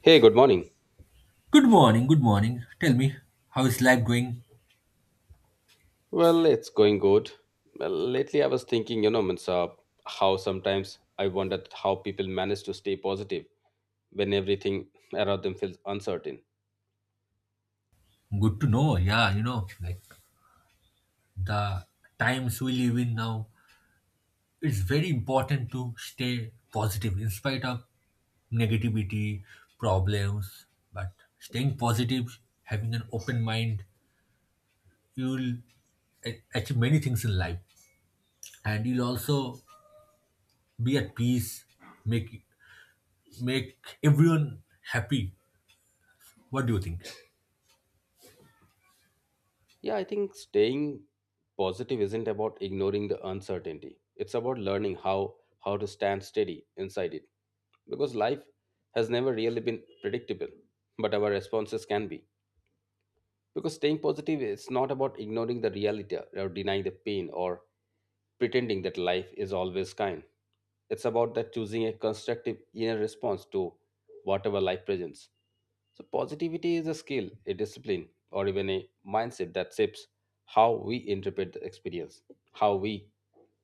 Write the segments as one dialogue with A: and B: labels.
A: Hey, good morning.
B: Good morning, good morning. Tell me, how is life going?
A: Well, it's going good. Well, lately I was thinking how sometimes I wondered how people manage to stay positive when everything around them feels uncertain.
B: Good to know. Yeah, you know, like the times we live in now, it's very important to stay positive in spite of negativity, problems. But staying positive, having an open mind, you'll achieve many things in life, and you'll also be at peace, make make everyone happy. What do you think?
A: Yeah, I think staying positive isn't about ignoring the uncertainty. It's about learning how to stand steady inside it because life has never really been predictable, but our responses can be. Because staying positive it's not about ignoring the reality or denying the pain or pretending that life is always kind it's about that choosing a constructive inner response to whatever life presents. So positivity is a skill, a discipline, or even a mindset that shapes how we interpret the experience, how we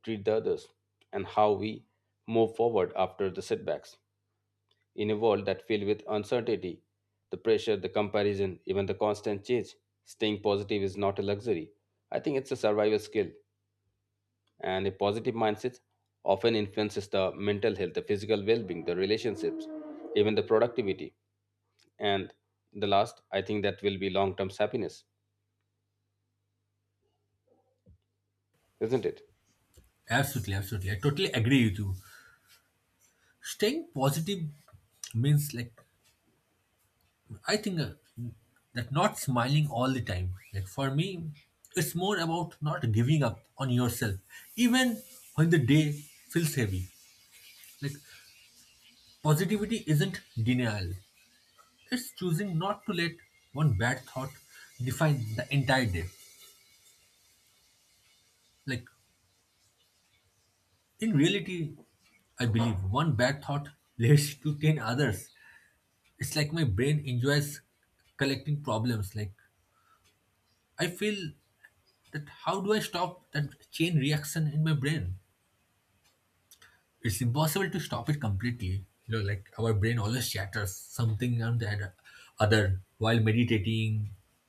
A: treat the others, and how we move forward after the setbacks. In a world that filled with uncertainty, the pressure, the comparison, even the constant change, staying positive is not a luxury. I think it's a survival skill and a positive mindset often influences the mental health the physical well-being the relationships even the productivity and the last I think that will be long-term happiness isn't it
B: Absolutely, absolutely. I totally agree with you. Staying positive means, like I think, that not smiling all the time. Like for me, it's more about not giving up on yourself, even when the day feels heavy. Like positivity isn't denial. It's choosing not to let one bad thought define the entire day. Like in reality, I believe one bad thought leads to 10 others. It's like my brain enjoys collecting problems. Like I feel that, how do I stop that chain reaction in my brain? It's impossible to stop it completely. You know, like our brain always chatters something and the other while meditating,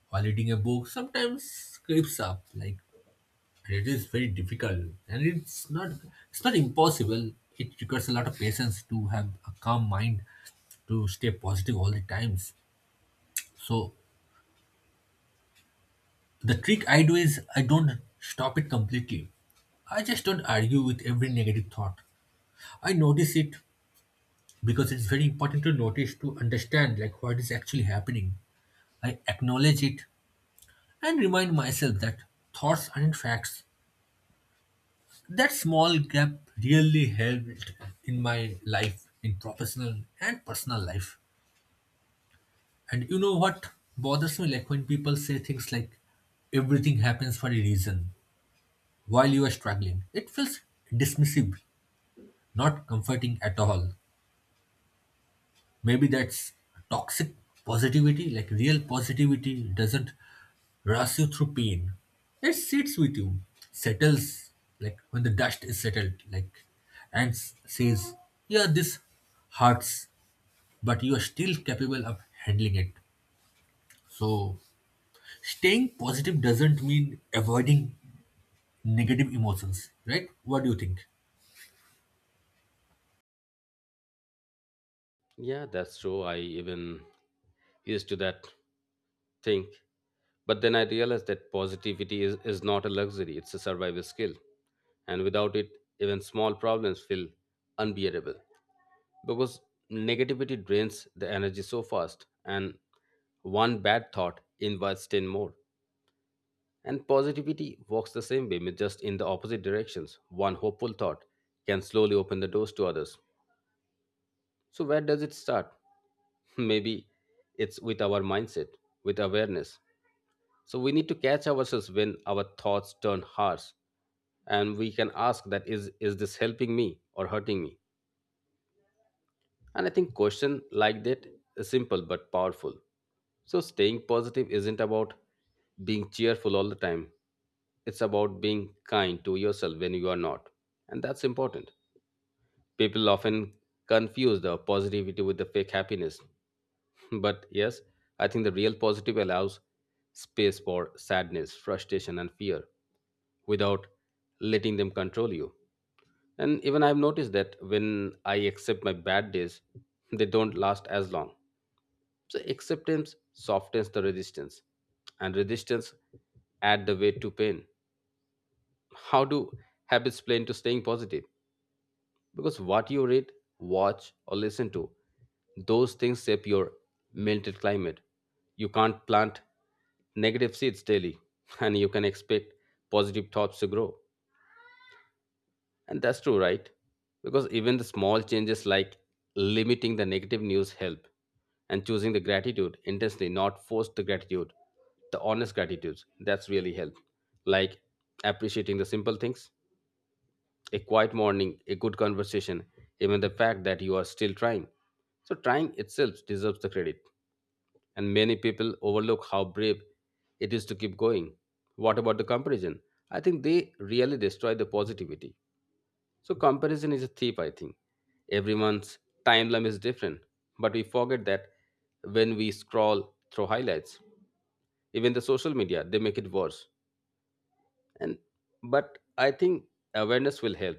B: while reading a book, sometimes creeps up. Like and it is very difficult. And it's not impossible. It requires a lot of patience to have a calm mind, to stay positive all the times. So the trick I do is I don't stop it completely. I just don't argue with every negative thought. I notice it because it's very important to notice, to understand like what is actually happening. I acknowledge it and remind myself that thoughts aren't facts. That small gap really helped in my life, in professional and personal life. And you know what bothers me, like when people say things like everything happens for a reason while you are struggling. It feels dismissive, not comforting at all. Maybe that's toxic positivity. Like real positivity doesn't rush you through pain. It sits with you, settles, like when the dust is settled, like, and says, yeah, this hurts, but you are still capable of handling it. So, staying positive doesn't mean avoiding negative emotions, right? What do you think?
A: yeah that's true I even used to that think but then I realized that positivity is not a luxury it's a survival skill and without it even small problems feel unbearable because negativity drains the energy so fast and one bad thought invites 10 more. And positivity walks the same way, but just in the opposite directions. One hopeful thought can slowly open the doors to others. So, where does it start? Maybe it's with our mindset, with awareness. So, we need to catch ourselves when our thoughts turn harsh, and we can ask that is this helping me or hurting me? And I think question like that is simple but powerful. So staying positive isn't about being cheerful all the time. It's about being kind to yourself when you are not. And that's important. People often confuse the positivity with the fake happiness. But yes, I think the real positive allows space for sadness, frustration, and fear without letting them control you. And even I've noticed that when I accept my bad days, they don't last as long. So acceptance softens the resistance, and resistance add the weight to pain. How do habits play into staying positive? Because what you read, watch, or listen to, those things shape your mental climate. You can't plant negative seeds daily, and you can expect positive thoughts to grow. And that's true, right? Because even the small changes like limiting the negative news help, and choosing the gratitude intensely, not forced the gratitude, the honest gratitude. That's really help. Like appreciating the simple things a quiet morning, a good conversation, even the fact that you are still trying. So, trying itself deserves the credit, and many people overlook how brave it is to keep going. What about the comparison? I think they really destroy the positivity. So, comparison is a thief, I think. Everyone's timeline is different, but we forget that when we scroll through highlights. Even the social media, they make it worse. And but I think awareness will help.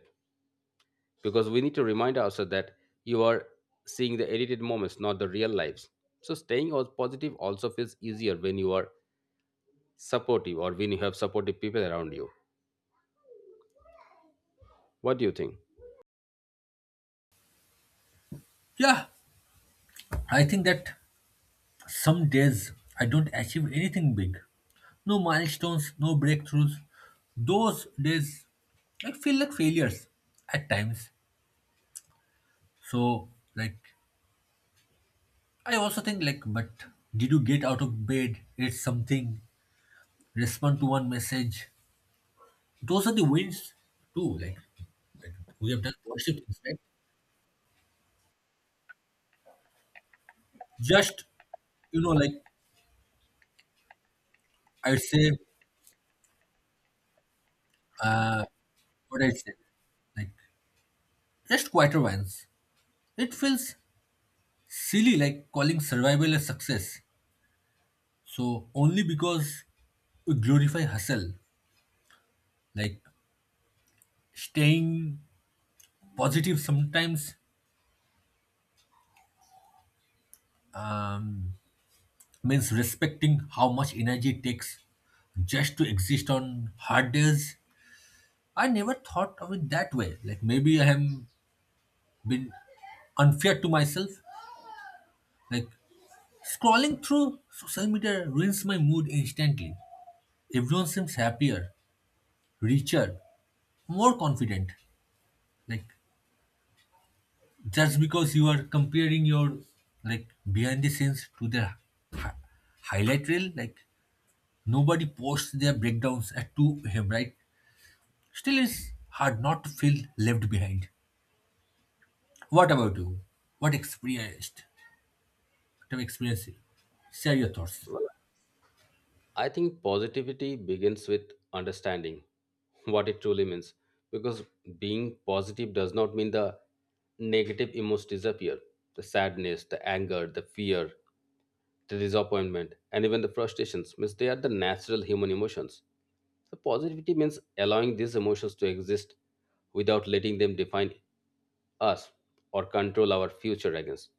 A: Because we need to remind ourselves that you are seeing the edited moments, not the real lives. So staying positive also feels easier when you are supportive or when you have supportive people around you. What do you think?
B: Yeah, I think that some days I don't achieve anything big. No milestones, no breakthroughs. Those days I feel like failures at times. So like I also think like, but did you get out of bed? It's something. Respond to one message? Those are the wins too. Like we have done worship things, right? Just you know, like I'd say what I'd say. Like just quieter ones. It feels silly like calling survival a success. So only because we glorify hustle, like staying positive sometimes um, means respecting how much energy it takes just to exist on hard days. I never thought of it that way. Like maybe I have been unfair to myself. Like scrolling through social media ruins my mood instantly. Everyone seems happier, richer, more confident. Like just because you are comparing your like behind the scenes to their hi- highlight reel, like nobody posts their breakdowns at 2 a.m., right? Still it's hard not to feel left behind. What about you? What experienced, what have experienced, share your thoughts.
A: Well, I think positivity begins with understanding what it truly means because being positive does not mean the negative emotions disappear the sadness the anger the fear the disappointment, and even the frustrations means they are the natural human emotions. So positivity means allowing these emotions to exist without letting them define us or control our future against.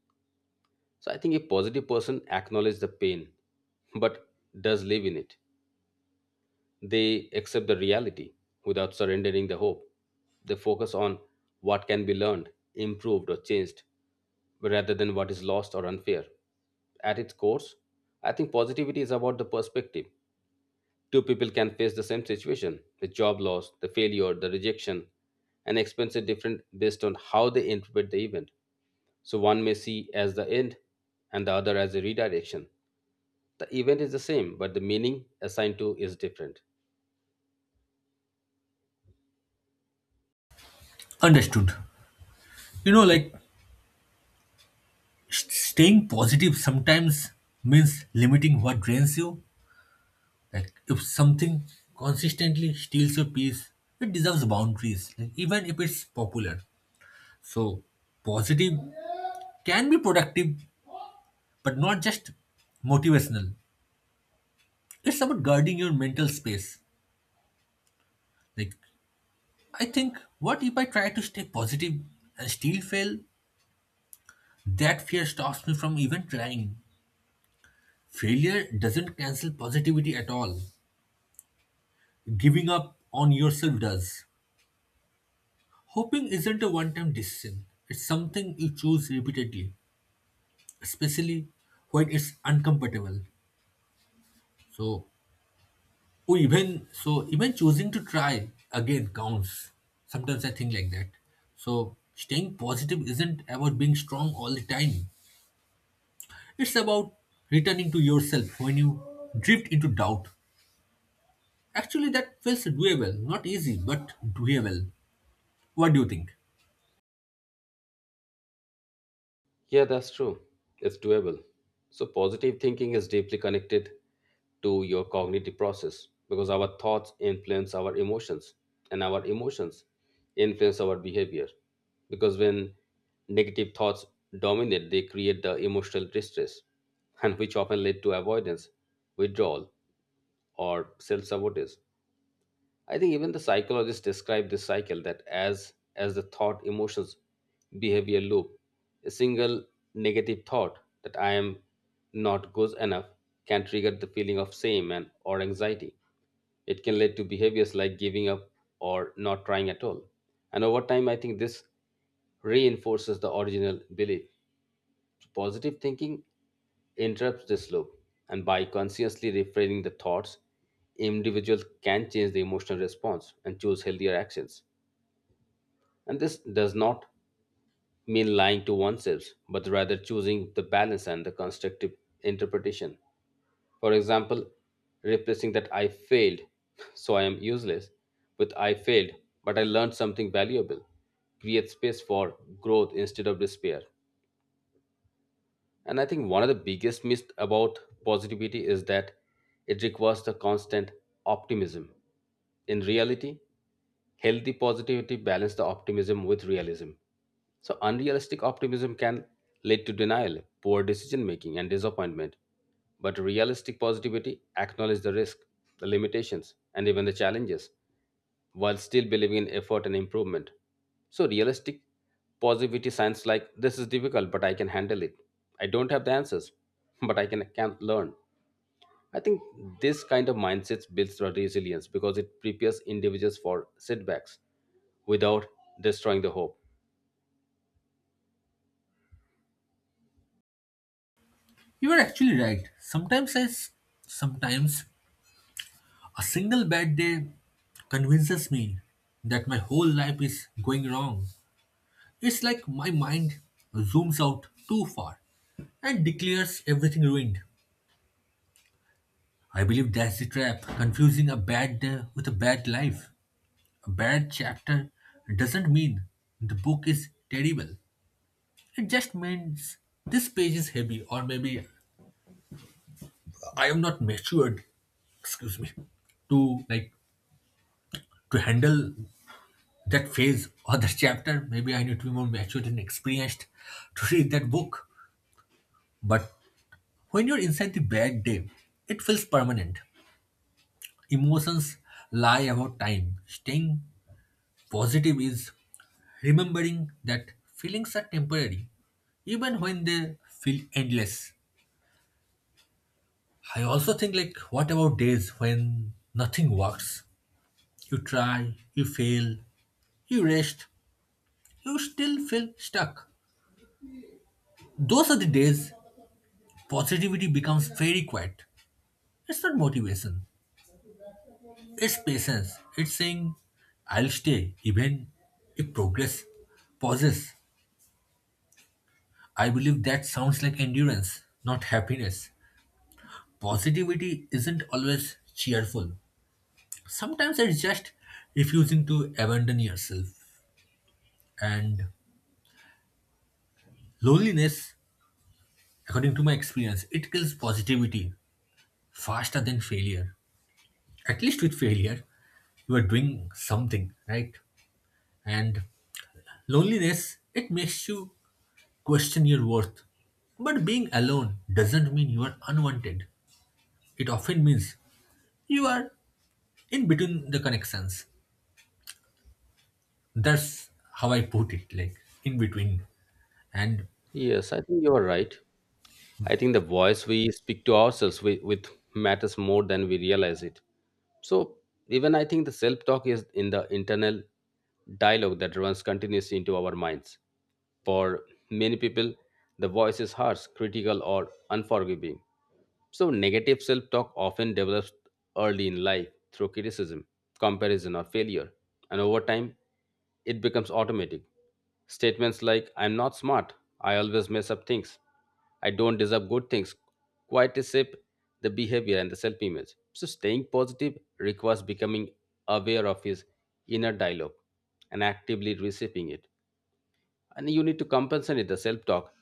A: So I think a positive person acknowledges the pain but does live in it. They accept the reality without surrendering the hope. They focus on what can be learned, improved, or changed rather than what is lost or unfair. At its core, I think positivity is about the perspective. Two people can face the same situation the job loss, the failure, the rejection, and experience it different based on how they interpret the event. So one may see as the end and the other as a redirection. The event is the same, but the meaning assigned to is different.
B: Understood. You know, like staying positive sometimes means limiting what drains you. Like if something consistently steals your peace, it deserves boundaries, like, even if it's popular. So, positive can be productive, but not just motivational. It's about guarding your mental space. Like, I think, what if I try to stay positive and still fail? That fear stops me from even trying. Failure doesn't cancel positivity at all. Giving up on yourself does. Hoping isn't a one time decision, it's something you choose repeatedly, especially when it's uncomfortable. So, oh, even so, even choosing to try again counts. Sometimes I think like that. So, staying positive isn't about being strong all the time, it's about returning to yourself when you drift into doubt. Actually, that feels doable, not easy, but doable. What do you think?
A: Yeah, that's true. It's doable. So, positive thinking is deeply connected to your cognitive process because our thoughts influence our emotions and our emotions influence our behavior. Because when negative thoughts dominate, they create the emotional distress, and which often lead to avoidance, withdrawal, or self sabotage. I think even the psychologists describe this cycle that as the thought emotions behavior loop. A single negative thought that I am not good enough can trigger the feeling of shame and or anxiety. It can lead to behaviors like giving up or not trying at all. And over time I think this reinforces the original belief. So positive thinking interrupts this loop, and by consciously refraining the thoughts, individuals can change the emotional response and choose healthier actions. And this does not mean lying to oneself, but rather choosing the balance and the constructive interpretation. For example, replacing that I failed, so I am useless, with I failed, but I learned something valuable. Create space for growth instead of despair. And I think one of the biggest myths about positivity is that it requires the constant optimism. In reality, healthy positivity balances the optimism with realism. So unrealistic optimism can lead to denial, poor decision making, and disappointment. But realistic positivity acknowledges the risk, the limitations, and even the challenges while still believing in effort and improvement. So, realistic positivity signs like this is difficult, but I can handle it. I don't have the answers, but I can learn. I think this kind of mindset builds the resilience because it prepares individuals for setbacks without destroying the hope.
B: You are actually right. Sometimes a single bad day convinces me that my whole life is going wrong. It's like my mind zooms out too far and declares everything ruined. I believe that's the trap. Confusing a bad day with a bad life. A bad chapter doesn't mean the book is terrible. It just means this page is heavy, or maybe I am not matured, excuse me, to like to handle that phase or that chapter. Maybe I need to be more matured and experienced to read that book. But when you're inside the bad day, it feels permanent. Emotions lie about time. Staying positive is remembering that feelings are temporary, even when they feel endless. I also think, like, what about days when nothing works? You try, you fail, you rest, you still feel stuck. Those are the days positivity becomes very quiet. It's not motivation, it's patience. It's saying, I'll stay even if progress pauses. I believe that sounds like endurance, not happiness. Positivity isn't always cheerful. Sometimes it's just refusing to abandon yourself. And loneliness, according to my experience, it kills positivity faster than failure. At least with failure, you are doing something, right? And loneliness, it makes you question your worth. But being alone doesn't mean you are unwanted. It often means you are in between the connections. That's how I put it, like in between. And
A: Yes, I think you are right. I think the voice we speak to ourselves with matters more than we realize it. So even I think the self-talk is in the internal dialogue that runs continuously into our minds. For many people, the voice is harsh, critical, or unforgiving. So, negative self talk often develops early in life through criticism, comparison, or failure. And over time, it becomes automatic. Statements like, I'm not smart, I always mess up things, I don't deserve good things, quite shape the behavior and the self image. So, staying positive requires becoming aware of his inner dialogue and actively receiving it and you need to compensate the self-talk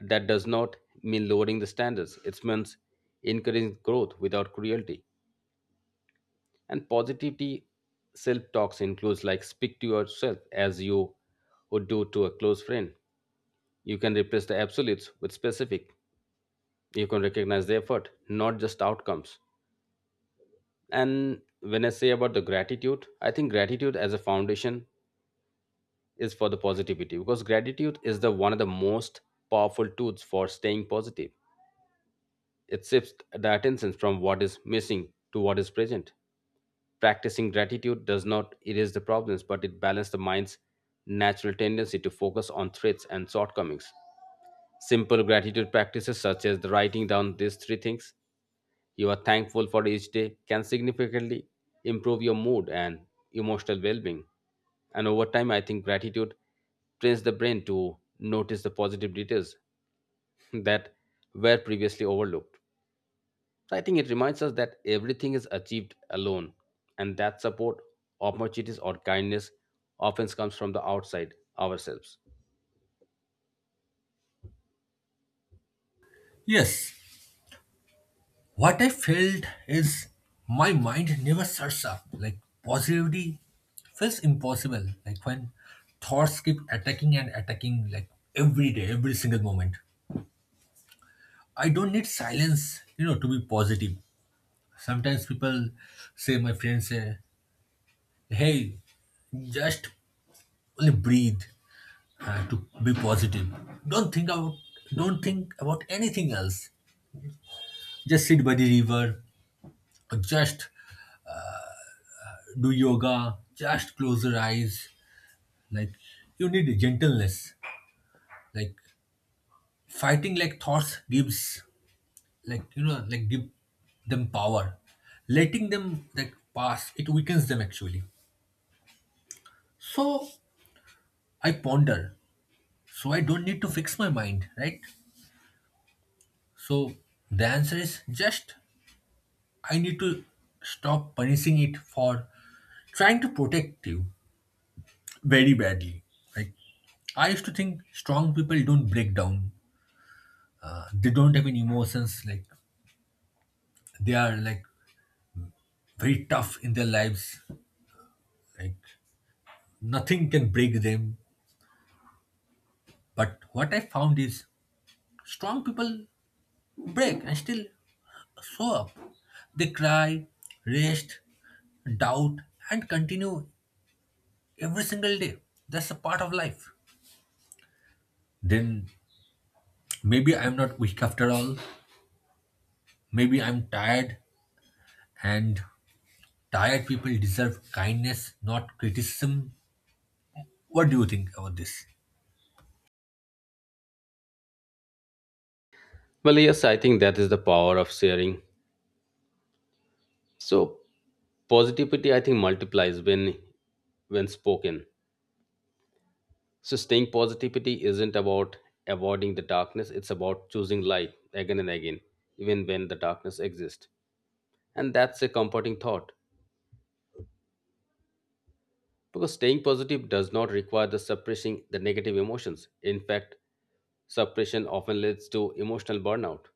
A: that does not mean lowering the standards it means encouraging growth without cruelty and positivity self-talks includes like speak to yourself as you would do to a close friend you can replace the absolutes with specific you can recognize the effort not just outcomes and when I say about the gratitude I think gratitude as a foundation is for the positivity because gratitude is the one of the most powerful tools for staying positive. It shifts the attention from what is missing to what is present. Practicing gratitude does not erase the problems, but it balances the mind's natural tendency to focus on threats and shortcomings. Simple gratitude practices, such as the writing down these three things you are thankful for each day, can significantly improve your mood and emotional well being. And over time, I think gratitude trains the brain to notice the positive details that were previously overlooked. So I think it reminds us that everything is achieved alone, and that support, opportunities, or kindness often comes from the outside ourselves.
B: yes, what I felt is my mind never shuts up. Like positivity feels impossible. Like when thoughts keep attacking and attacking, like every day, every single moment. I don't need silence, you know, to be positive. Sometimes people say, my friends say, hey, just only breathe to be positive. Don't think about don't think about anything else. Just sit by the river or just do yoga. Just close your eyes. Like you need gentleness. Like fighting like thoughts gives, like you know, like give them power. Letting them like pass it weakens them actually. So I ponder. So I don't need to fix my mind, right? So the answer is just I need to stop punishing it for trying to protect you very badly. Like I used to think strong people don't break down. They don't have any emotions. Like they are like very tough in their lives. Like nothing can break them. But what I found is strong people break and still show up. They cry, rest, doubt, and continue every single day. That's a part of life. Then maybe I'm not weak after all. Maybe I'm tired, and tired people deserve kindness, not criticism. What do you think about this?
A: Well, yes, I think that is the power of sharing. So positivity, I think, multiplies when spoken. So staying positivity isn't about avoiding the darkness; it's about choosing light again and again, even when the darkness exists. And that's a comforting thought. Because staying positive does not require the suppressing the negative emotions. In fact, suppression often leads to emotional burnout.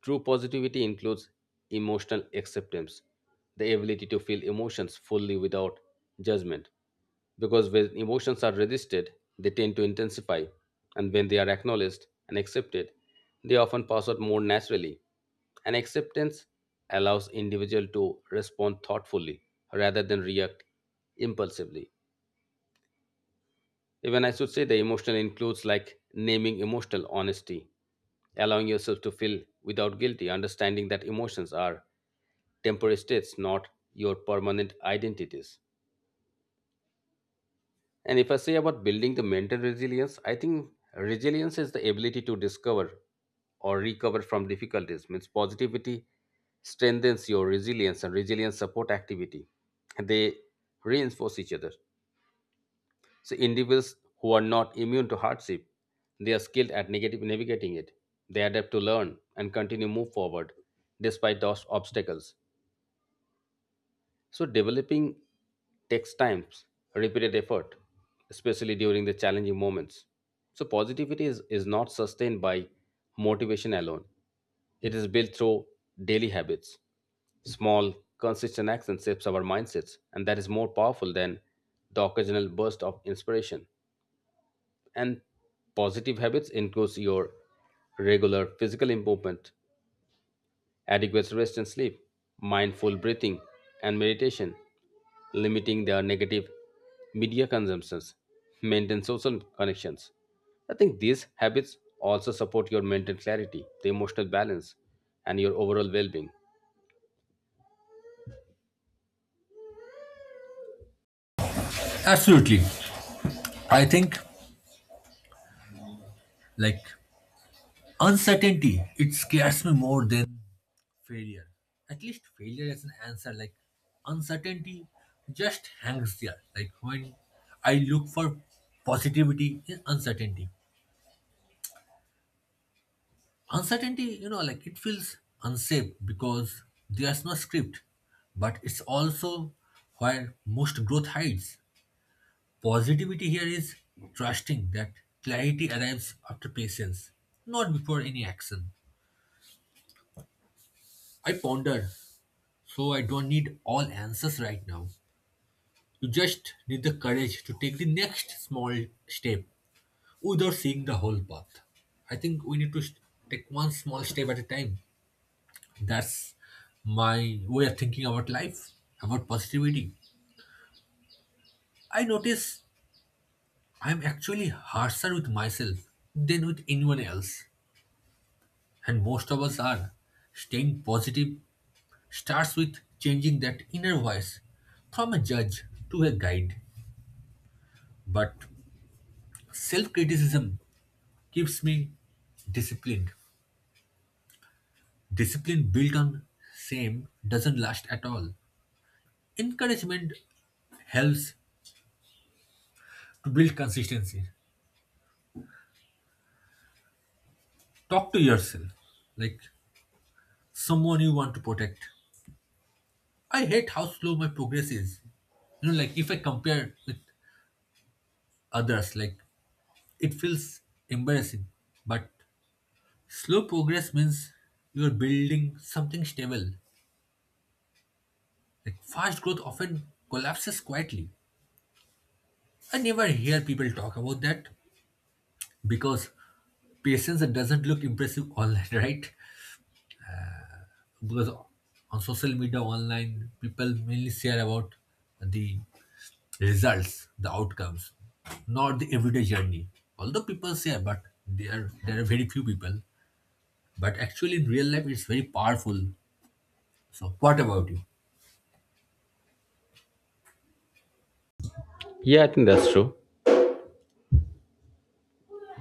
A: True positivity includes emotional acceptance, the ability to feel emotions fully without judgment. Because when emotions are resisted, they tend to intensify, and when they are acknowledged and accepted, they often pass out more naturally. And acceptance allows individual to respond thoughtfully rather than react impulsively. Even I should say the emotional includes like naming emotional honesty, allowing yourself to feel without guilty, understanding that emotions are temporary states, not your permanent identities. And if I say about building the mental resilience, I think resilience is the ability to discover or recover from difficulties. Means positivity strengthens your resilience and resilience support activity. They reinforce each other. So individuals who are not immune to hardship, they are skilled at negative navigating it. They adapt to learn and continue move forward despite those obstacles. So developing takes time, repeated effort, especially during the challenging moments. So positivity is not sustained by motivation alone. It is built through daily habits. Small, consistent action shapes our mindsets, and that is more powerful than the occasional burst of inspiration and positive habits includes your regular physical movement, adequate rest and sleep, mindful breathing and meditation, limiting their negative media consumptions, maintain social connections. I think these habits also support your mental clarity, the emotional balance, and your overall well being.
B: Absolutely. I think like uncertainty, it scares me more than failure. At least failure is an answer. Like uncertainty just hangs there. Like when I look for positivity in uncertainty, uncertainty, you know, like it feels unsafe because there's no script, but it's also where most growth hides. Positivity here is trusting that clarity arrives after patience, not before any action. I ponder, so I don't need all answers right now. You just need the courage to take the next small step without seeing the whole path. I think we need to take one small step at a time. That's my way of thinking about life, about positivity. I notice I'm actually harsher with myself than with anyone else. And most of us are. Staying positive starts with changing that inner voice from a judge to a guide. But self criticism keeps me disciplined. Discipline built on same doesn't last at all. Encouragement helps to build consistency. Talk to yourself like someone you want to protect. I hate how slow my progress is. You know, like if I compare with others, like it feels embarrassing. But slow progress means you're building something stable. Like fast growth often collapses quietly. I never hear people talk about that because patience doesn't look impressive online, right? Because on social media, online, people mainly share about the results, the outcomes, not the everyday journey. Although people say, but there are very few people. But actually, in real life, it's very powerful. So, what about you?
A: Yeah, I think that's true.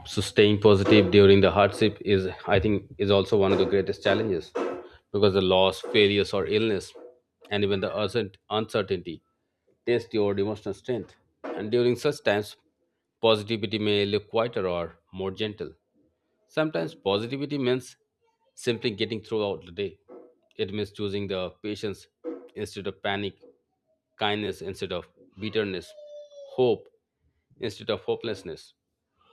A: So staying positive during the hardship is I think is also one of the greatest challenges because the loss failures or illness and even the uncertainty test your emotional strength and during such times positivity may look quieter or more gentle. Sometimes positivity means simply getting throughout the day. It means choosing the patience instead of panic, kindness instead of bitterness, hope instead of hopelessness.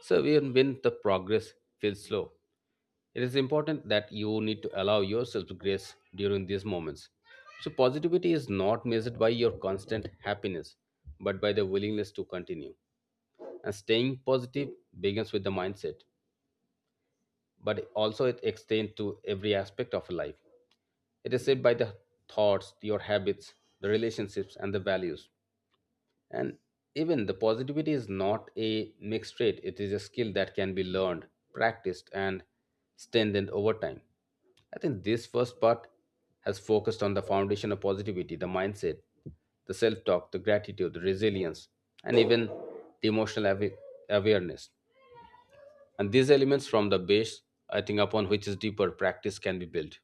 A: So even when the progress feels slow, it is important that you need to allow yourself to grace during these moments. So positivity is not measured by your constant happiness, but by the willingness to continue. And staying positive begins with the mindset but also it extends to every aspect of life. It is shaped by the thoughts, your habits, the relationships, and the values. And even the positivity is not a mixed trait, it is a skill that can be learned, practiced, and strengthened over time. I think this first part has focused on the foundation of positivity, the mindset, the self talk, the gratitude, the resilience, and even the emotional awareness and these elements from the base I think upon which is deeper practice can be built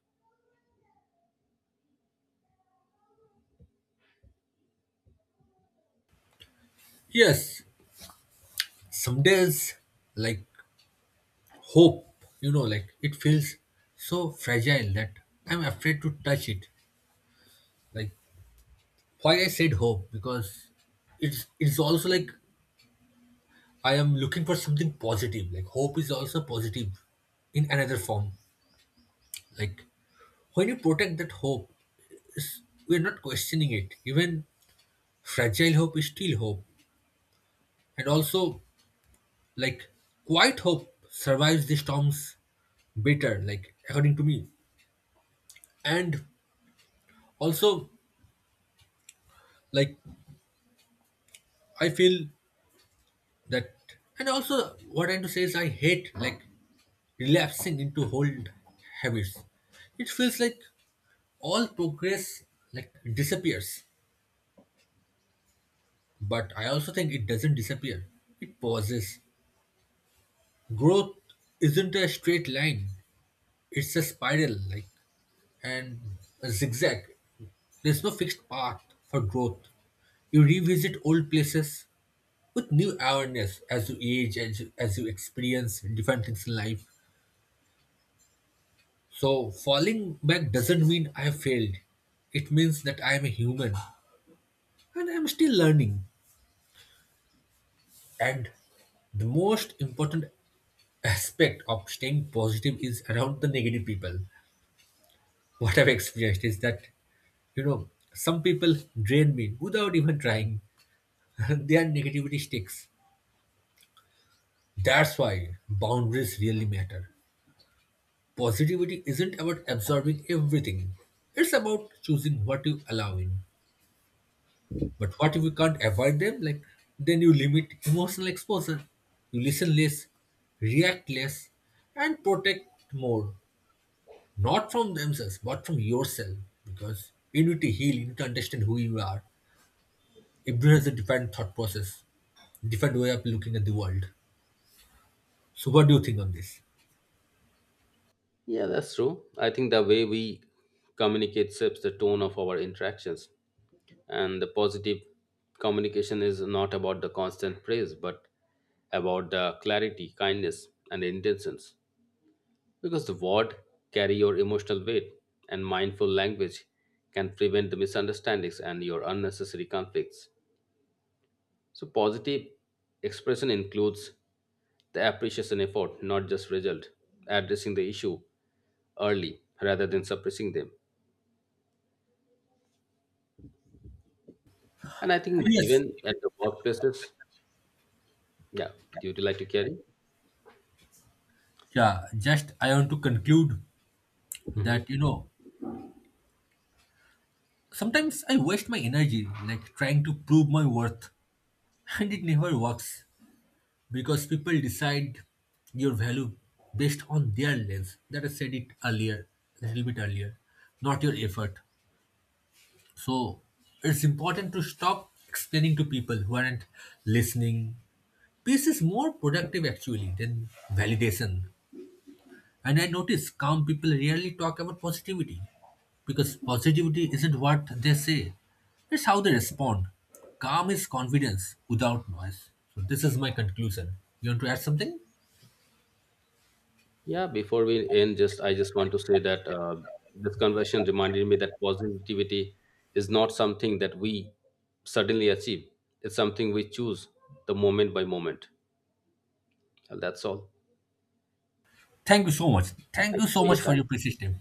B: Yes, some days like hope, you know, like it feels so fragile that I'm afraid to touch it. Like why I said hope because it's also like I am looking for something positive. Like hope is also positive in another form. Like when you protect that hope, is- we're not questioning it. Even fragile hope is still hope. And also, like, quiet hope survives the storms better, like, according to me. And also, like, I feel that, and also, what I'm to say is, I hate, like, relapsing into old habits. It feels like all progress, like, disappears. But I also think it doesn't disappear, it pauses. Growth isn't a straight line, it's a spiral, like, and a zigzag. There's no fixed path for growth. You revisit old places with new awareness as you age, as you experience different things in life. So, falling back doesn't mean I have failed. It means that I am a human and I'm still learning. And the most important aspect of staying positive is around the negative people. What I've experienced is that, you know, some people drain me without even trying. Their negativity sticks. That's why boundaries really matter. Positivity isn't about absorbing everything, it's about choosing what you allow in. But what if you can't avoid them? Like, then you limit emotional exposure. You listen less, react less, and protect more. Not from themselves, but from yourself. Because you need to heal, you need to understand who you are. Everyone has a different thought process, different way of looking at the world. So, what do you think on this?
A: yeah that's true I think the way we communicate sets the tone of our interactions and the positive communication is not about the constant praise but about the clarity kindness and intentions because the word carry your emotional weight and mindful language can prevent the misunderstandings and your unnecessary conflicts. So positive expression includes the appreciation effort, not just result, addressing the issue early rather than suppressing them. And I think
B: Yes,
A: even at the workplaces, yeah, do you like to carry?
B: yeah, just I want to conclude
A: Hmm.
B: that, you know, sometimes I waste my energy like trying to prove my worth, and it never works because people decide your value based on their lens. That I said it earlier, a little bit earlier, not your effort. So it's important to stop explaining to people who aren't listening. Peace is more productive actually than validation. And I notice calm people rarely talk about positivity because positivity isn't what they say, it's how they respond. Calm is confidence without noise. So, this is my conclusion. You want to add something?
A: Yeah, before we end, just I just want to say that this conversation reminded me that positivity is not something that we suddenly achieve. It's something we choose the moment by moment. And that's all.
B: Thank you so much. Thank
A: Thank
B: you
A: you
B: so
A: for
B: much
A: your
B: for your
A: time.
B: precious time.